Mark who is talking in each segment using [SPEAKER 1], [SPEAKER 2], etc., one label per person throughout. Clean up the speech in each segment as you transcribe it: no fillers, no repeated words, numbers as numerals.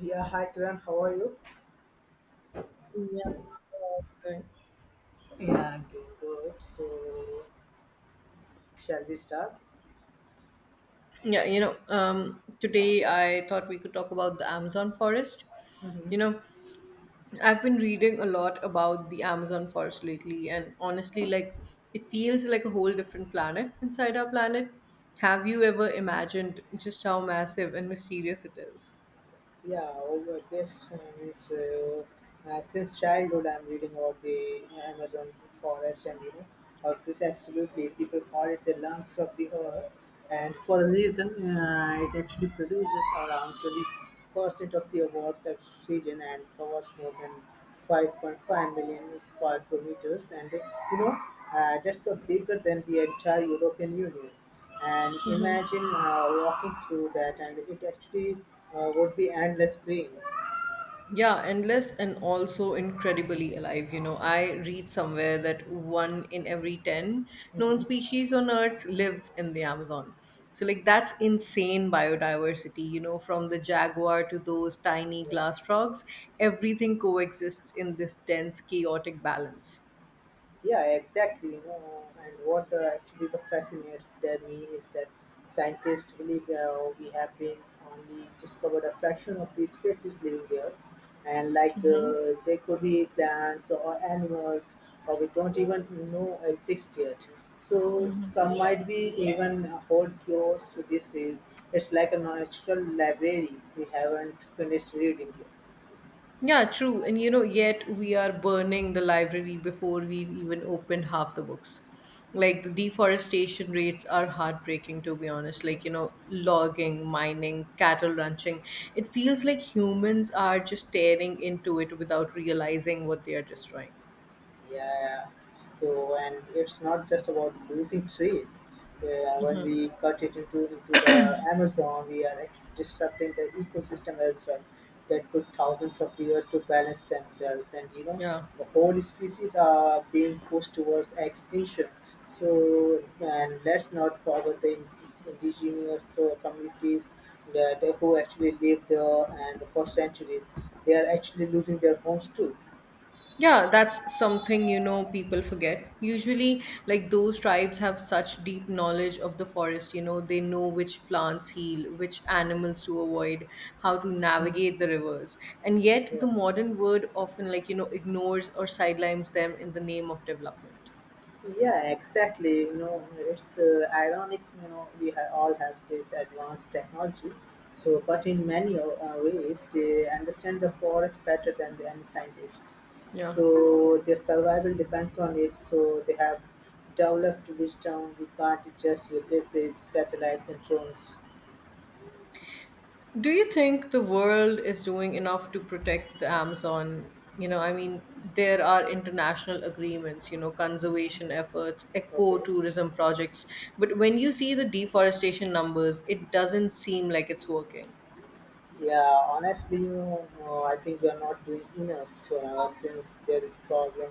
[SPEAKER 1] Yeah, hi Kiran, how are you?
[SPEAKER 2] Yeah, right.
[SPEAKER 1] Yeah, I'm doing good. So, shall we start?
[SPEAKER 2] Today I thought we could talk about the Amazon forest. You know, I've been reading a lot about the Amazon forest lately, and honestly, it feels like a whole different planet inside our planet. Have you ever imagined just how massive and mysterious it is?
[SPEAKER 1] Yeah, over this, since childhood, I'm reading about the Amazon forest, and it's absolutely people call it the lungs of the Earth, and for a reason, it actually produces around 20% of the world's oxygen and covers more than 5.5 million square kilometers, and that's bigger than the entire European Union, and imagine walking through that and it actually would be endless green.
[SPEAKER 2] Yeah, endless and also incredibly alive. You know, I read somewhere that one in every 10 known
[SPEAKER 1] Hmm.
[SPEAKER 2] species on Earth lives in the Amazon. So, like, that's insane biodiversity. You know, from the jaguar to those tiny
[SPEAKER 1] Yeah.
[SPEAKER 2] glass frogs, everything coexists in this dense, chaotic balance.
[SPEAKER 1] Yeah, exactly. You know, and actually the fascinates that me is that scientists believe, we have been only discovered a fraction of the species living there, and like they could be plants or animals, or we don't even know exist yet. So some might be even hold cures to disease. It's like a natural library we haven't finished reading yet.
[SPEAKER 2] Yeah, true. And you know, yet we are burning the library before we've even opened half the books. Like the deforestation rates are heartbreaking, to be honest. Like, you know, logging, mining, cattle ranching. It feels like humans are just tearing into it without realizing what they are destroying.
[SPEAKER 1] Yeah, so and it's not just about losing trees. When we cut it into the Amazon, we are actually disrupting the ecosystem as well. That took thousands of years to balance themselves, and
[SPEAKER 2] Yeah.
[SPEAKER 1] the whole species are being pushed towards extinction. So, and let's not forget the indigenous communities that who actually live there and for centuries, they are actually losing their homes too.
[SPEAKER 2] Yeah, that's something you know people forget. Usually, like those tribes have such deep knowledge of the forest, you know, they know which plants heal, which animals to avoid, how to navigate the
[SPEAKER 1] Hmm.
[SPEAKER 2] rivers. And yet, the
[SPEAKER 1] Yeah.
[SPEAKER 2] modern world often, like, you know, ignores or sidelines them in the name of development.
[SPEAKER 1] Yeah, exactly. You know, it's ironic. You know, we all have this advanced technology. So, but in many ways, they understand the forest better than the any scientist.
[SPEAKER 2] Yeah.
[SPEAKER 1] So their survival depends on it. So they have developed wisdom. We can't just replace the satellites and drones.
[SPEAKER 2] Do you think the world is doing enough to protect the Amazon? You know, I mean, there are international agreements, you know, conservation
[SPEAKER 1] Hmm.
[SPEAKER 2] efforts,
[SPEAKER 1] Okay.
[SPEAKER 2] eco-tourism projects, but when you see the deforestation numbers, it doesn't seem like it's working.
[SPEAKER 1] Yeah, honestly, I think we are not doing enough since there is problem.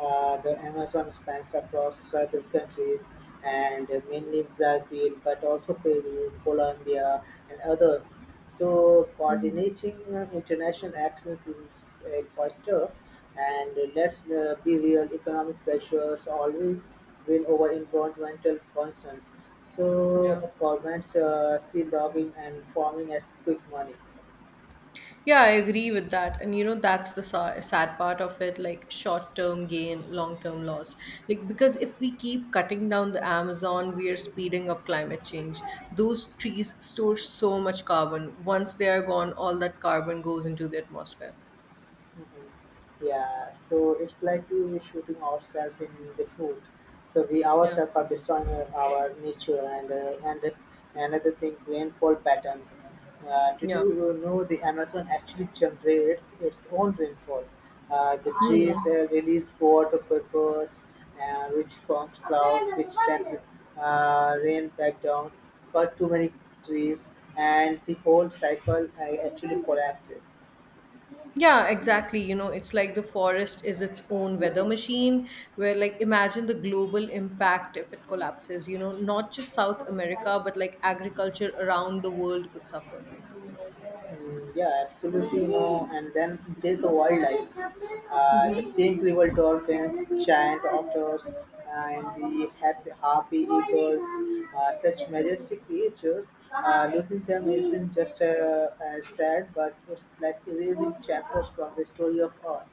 [SPEAKER 1] The Amazon spans across several countries, and mainly Brazil, but also Peru, Colombia, and others. So
[SPEAKER 2] Mhm.
[SPEAKER 1] coordinating international actions is quite tough. And let's be real, economic pressures always win over environmental concerns.
[SPEAKER 2] Yeah.
[SPEAKER 1] So governments see logging and farming as quick money.
[SPEAKER 2] Yeah, I agree with that. And you know, that's the sad part of it, like short term gain, long term loss. Like, because if we keep cutting down the Amazon, we are speeding up climate change. Those trees store so much carbon. Once they are gone, all that carbon goes into the atmosphere.
[SPEAKER 1] Mhm. Yeah, so it's like we shooting ourselves in the foot. So we
[SPEAKER 2] Yeah.
[SPEAKER 1] ourselves are destroying our nature, and another thing, rainfall patterns. Did
[SPEAKER 2] Yeah.
[SPEAKER 1] you know the Amazon actually generates its own rainfall? The trees
[SPEAKER 2] Hmm.
[SPEAKER 1] release water vapors, which forms clouds, which then rain back down. Cut too many trees, and the whole cycle actually collapses.
[SPEAKER 2] Yeah, exactly. You know, it's like the forest is its own weather machine, where, like, imagine the global impact if it collapses. You know, not just South America, but like agriculture around the world could suffer.
[SPEAKER 1] Mm, yeah, absolutely. And then there's a wildlife. The
[SPEAKER 2] Mm-hmm.
[SPEAKER 1] pink river dolphins, giant otters, and the harpy eagles. Such majestic creatures. Losing them isn't just sad, but it's like erasing chapters from the story of Earth.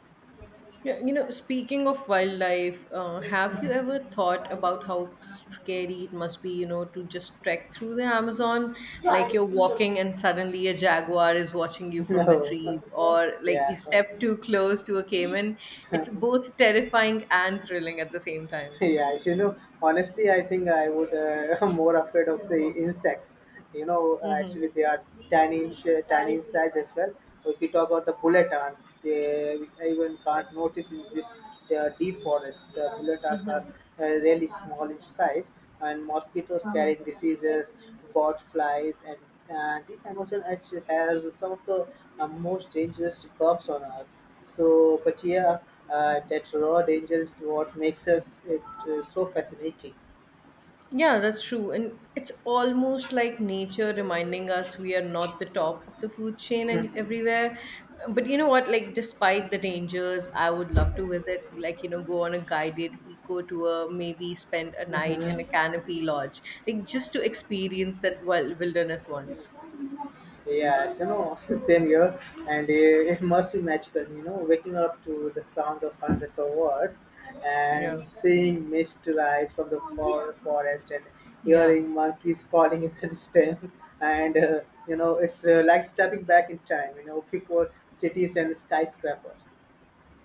[SPEAKER 2] Yeah, you know, speaking of wildlife, have you ever thought about how scary it must be, you know, to just trek through the Amazon? Like you're walking and suddenly a jaguar is watching you from the
[SPEAKER 1] No.
[SPEAKER 2] trees, or like you
[SPEAKER 1] Yeah.
[SPEAKER 2] step
[SPEAKER 1] Okay.
[SPEAKER 2] too close to a caiman. It's both terrifying and thrilling at the same time.
[SPEAKER 1] Yeah, honestly, I think I would more afraid of the insects. You know,
[SPEAKER 2] Mm-hmm.
[SPEAKER 1] actually, they are tiny, tiny in size as well. If we talk about the bullet ants, they I even can't notice in this deep forest. The bullet ants
[SPEAKER 2] Mm-hmm.
[SPEAKER 1] are really small in size, and mosquitoes
[SPEAKER 2] Mm-hmm.
[SPEAKER 1] carrying diseases, bot flies, and this emotion actually has some of the most dangerous bugs on Earth. So, but yeah, that raw danger is what makes us it so fascinating.
[SPEAKER 2] Yeah, that's true. And it's almost like nature reminding us we are not the top of the food chain and everywhere. But you know what? Like, despite the dangers, I would love to visit, like, you know, go on a guided eco tour, maybe spend a night in a
[SPEAKER 1] Mhm.
[SPEAKER 2] canopy lodge, like, just to experience that wild wilderness once.
[SPEAKER 1] Yes, same here, and it must be magical. You know, waking up to the sound of hundreds of words,
[SPEAKER 2] Yeah.
[SPEAKER 1] and seeing mist rise from the forest, and
[SPEAKER 2] Yeah.
[SPEAKER 1] hearing monkeys calling in the distance, and it's like stepping back in time. You know, before cities and skyscrapers.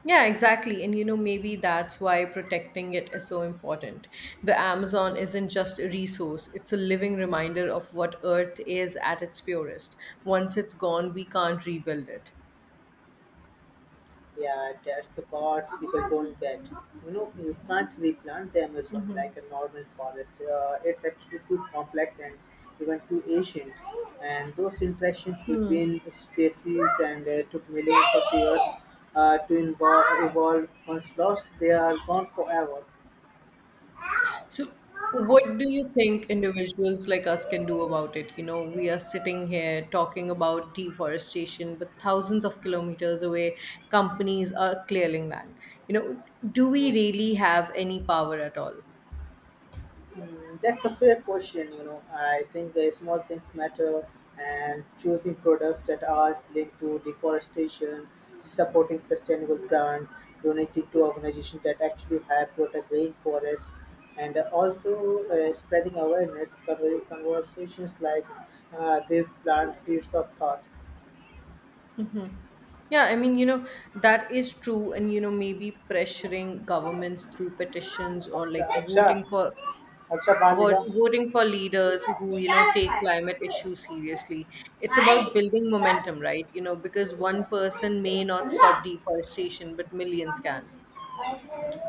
[SPEAKER 2] Yeah, exactly. And you know, maybe that's why protecting it is so important. The Amazon isn't just a resource, it's a living reminder of what Earth is at its purest. Once it's gone, we can't rebuild it.
[SPEAKER 1] Yeah, that's the part people don't get. You know, you can't replant the Amazon like a normal forest. It's actually too complex and even too ancient. And those interactions
[SPEAKER 2] Hmm.
[SPEAKER 1] between species and took millions of years to evolve. Once lost, they are gone forever.
[SPEAKER 2] So, what do you think individuals like us can do about it? You know, we are sitting here talking about deforestation, but thousands of kilometers away, companies are clearing land. You know, do we really have any power at all?
[SPEAKER 1] That's a fair question. I think the small things matter, and choosing products that are linked to deforestation, supporting sustainable brands, donating to organizations that actually have protect rainforests, and also spreading awareness, conversations like this plant seeds of thought.
[SPEAKER 2] Hmm. Yeah, I mean, you know, that is true. And, you know, maybe pressuring governments through petitions or
[SPEAKER 1] Acha,
[SPEAKER 2] like voting
[SPEAKER 1] acha,
[SPEAKER 2] for
[SPEAKER 1] acha.
[SPEAKER 2] what voting for leaders who, you know, take climate issues seriously. It's about building momentum, right? You know, because one person may not stop deforestation, but millions can.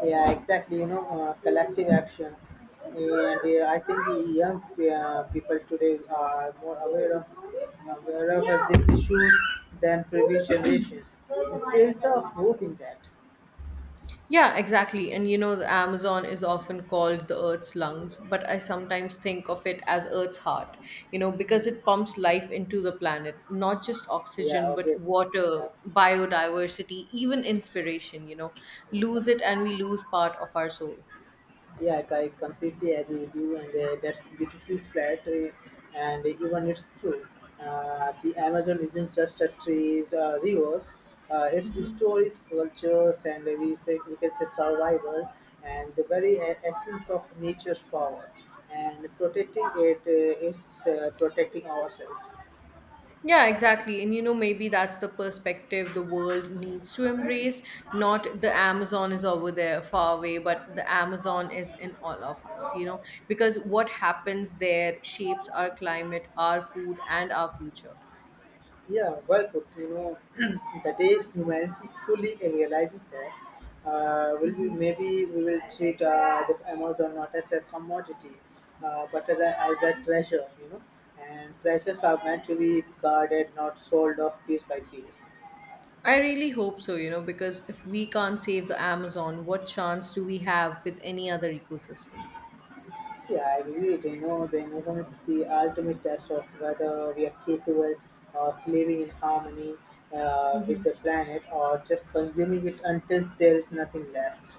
[SPEAKER 1] Yeah, exactly. You know, collective actions, and I think the young people today are more aware of this issues than previous generations. There is a hope in that.
[SPEAKER 2] Yeah, exactly. And you know, the Amazon is often called the Earth's lungs, but I sometimes think of it as Earth's heart, you know, because it pumps life into the planet, not just
[SPEAKER 1] Yeah.
[SPEAKER 2] oxygen, but
[SPEAKER 1] Okay.
[SPEAKER 2] water, biodiversity, even inspiration, you know. Lose it
[SPEAKER 1] Yeah.
[SPEAKER 2] and we lose part of our soul.
[SPEAKER 1] Yeah, I completely agree with you, and that's beautifully said, and even it's true. The Amazon isn't just a trees or rivers; it's stories, cultures, and we can say survival, and the very essence of nature's power. And protecting it is protecting ourselves.
[SPEAKER 2] Yeah, exactly. And you know, maybe that's the perspective the world needs to embrace. Not the Amazon is over there far away, but the Amazon is in all of us, you know, because what happens there shapes our climate, our food, and our future.
[SPEAKER 1] Yeah, well put. You know, the day humanity fully realizes that, will be maybe we will treat the Amazon not as a commodity, but as a treasure. You know, and treasures are meant to be guarded, not sold off piece by piece.
[SPEAKER 2] I really hope so, you know, because if we can't save the Amazon, what chance do we have with any other ecosystem?
[SPEAKER 1] Yeah, I agree. It. You know, the Amazon is the ultimate test of whether we are capable of living in harmony with the planet or just consuming it until there is nothing left.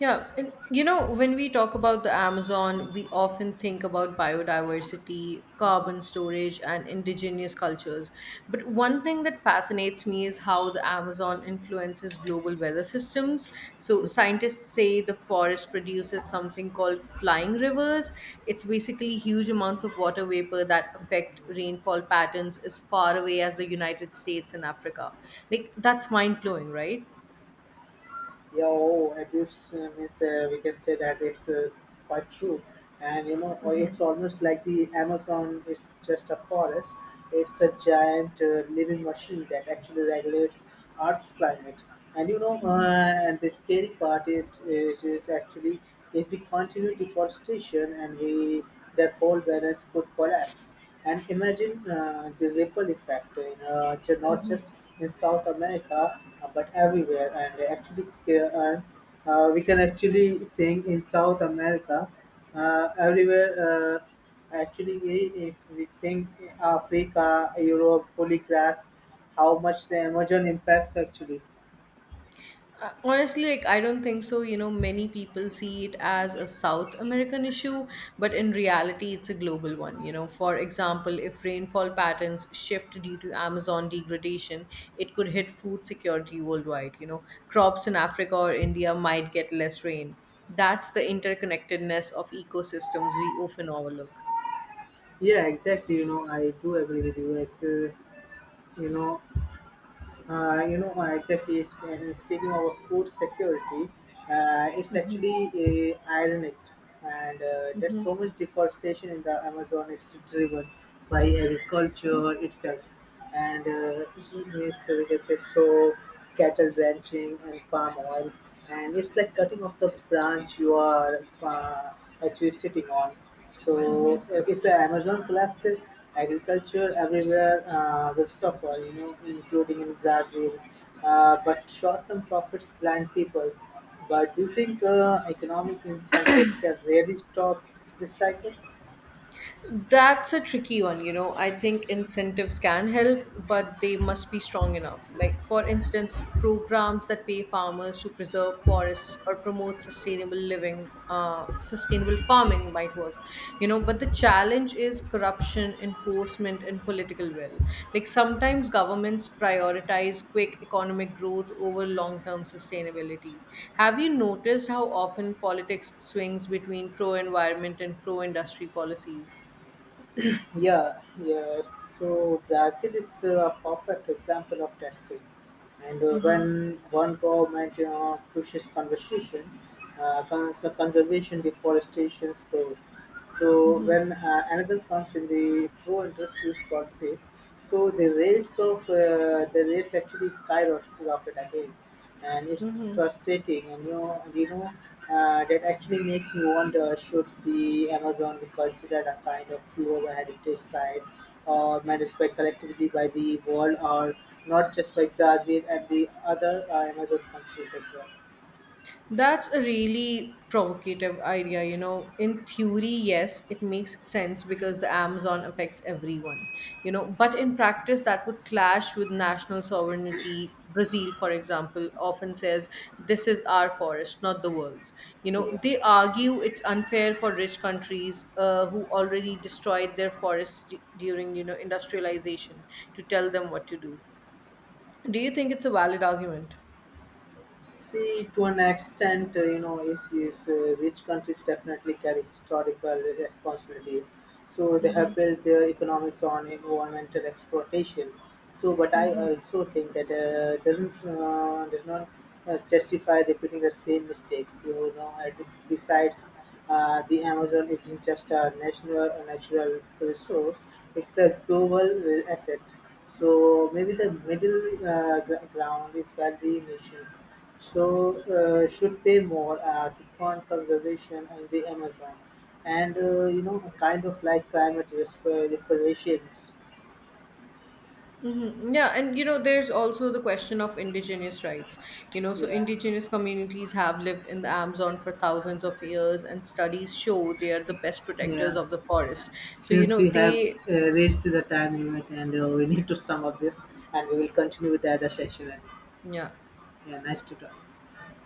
[SPEAKER 2] Yeah, and you know, when we talk about the Amazon, we often think about biodiversity, carbon storage, and indigenous cultures. But one thing that fascinates me is how the Amazon influences global weather systems. So, scientists say the forest produces something called flying rivers. It's basically huge amounts of water vapor that affect rainfall patterns as far away as the United States and Africa. Like, that's mind blowing, right?
[SPEAKER 1] Yeah, oh abuse means, we can say that it's quite true, and it's almost like the Amazon is just a forest. It's a giant living machine that actually regulates Earth's climate. And you know uh, and the scary part, it is actually, if we continue deforestation, and we that whole balance could collapse. And imagine the ripple effect not just in South America, but everywhere. And actually, uh, we can actually think in South America, everywhere. Actually, if we think Africa, Europe, fully grasp how much the Amazon impacts actually.
[SPEAKER 2] Honestly, like I don't think so. You know, many people see it as a South American issue, but in reality it's a global one. You know, for example, if rainfall patterns shift due to Amazon degradation, it could hit food security worldwide. You know, crops in Africa or India might get less rain. That's the interconnectedness of ecosystems we often overlook.
[SPEAKER 1] Yeah, exactly. You know, I do agree with you. You know, exactly. Speaking of food security, it's
[SPEAKER 2] Hmm.
[SPEAKER 1] actually ironic, and that
[SPEAKER 2] Hmm.
[SPEAKER 1] so much deforestation in the Amazon is driven by agriculture itself, and it we can say so cattle ranching and palm oil, and it's like cutting off the branch you are actually sitting on. So
[SPEAKER 2] Hmm.
[SPEAKER 1] if the Amazon collapses, agriculture everywhere will suffer, including in Brazil. But short-term profits blind people. But do you think economic incentives can really stop this cycle?
[SPEAKER 2] That's a tricky one, you know. I think incentives can help, but they must be strong enough. Like, for instance, programs that pay farmers to preserve forests or promote sustainable living, sustainable farming might work, you know. But the challenge is corruption, enforcement, and political will. Like, sometimes governments prioritize quick economic growth over long term sustainability. Have you noticed how often politics swings between pro environment and pro industry policies?
[SPEAKER 1] Yeah, yeah. So Brazil is a perfect example of that swing. And when one government, pushes conversation, conservation, deforestation slows. So
[SPEAKER 2] Mm-hmm.
[SPEAKER 1] when another comes in the pro-industrial policies, so the rates actually skyrocket again, and it's
[SPEAKER 2] Mm-hmm.
[SPEAKER 1] frustrating, and that actually makes me wonder, should the Amazon be considered a kind of global heritage site, or managed by collectively by the world, or not just by Brazil and the other Amazon countries as well?
[SPEAKER 2] That's a really provocative idea, you know. In theory, yes, it makes sense because the Amazon affects everyone, you know, but in practice, that would clash with national sovereignty. Brazil, for example, often says, this is our forest, not the world's. You know,
[SPEAKER 1] Yeah.
[SPEAKER 2] they argue it's unfair for rich countries who already destroyed their forests during, you know, industrialization to tell them what to do. Do you think it's a valid argument?
[SPEAKER 1] See, to an extent, you know, is rich countries definitely carry historical responsibilities. So they
[SPEAKER 2] Mm-hmm.
[SPEAKER 1] have built their economics on environmental exploitation. So, but I also think that does not justify repeating the same mistakes. You know, and besides, the Amazon isn't just a natural resource; it's a global asset. So maybe the middle ground is where the nations so should pay more to fund conservation in the Amazon, and kind of like climate reparations.
[SPEAKER 2] Mm-hmm. Yeah, and you know, there's also the question of indigenous rights. You know, so
[SPEAKER 1] Yeah,
[SPEAKER 2] indigenous communities have lived in the Amazon for thousands of years, and studies show they are the best protectors
[SPEAKER 1] yeah.
[SPEAKER 2] of the forest. So, you
[SPEAKER 1] Since
[SPEAKER 2] know,
[SPEAKER 1] we have
[SPEAKER 2] they,
[SPEAKER 1] reached the time limit, and we need to sum up this, and we will continue with the other session.
[SPEAKER 2] yeah,
[SPEAKER 1] Yeah, nice to talk.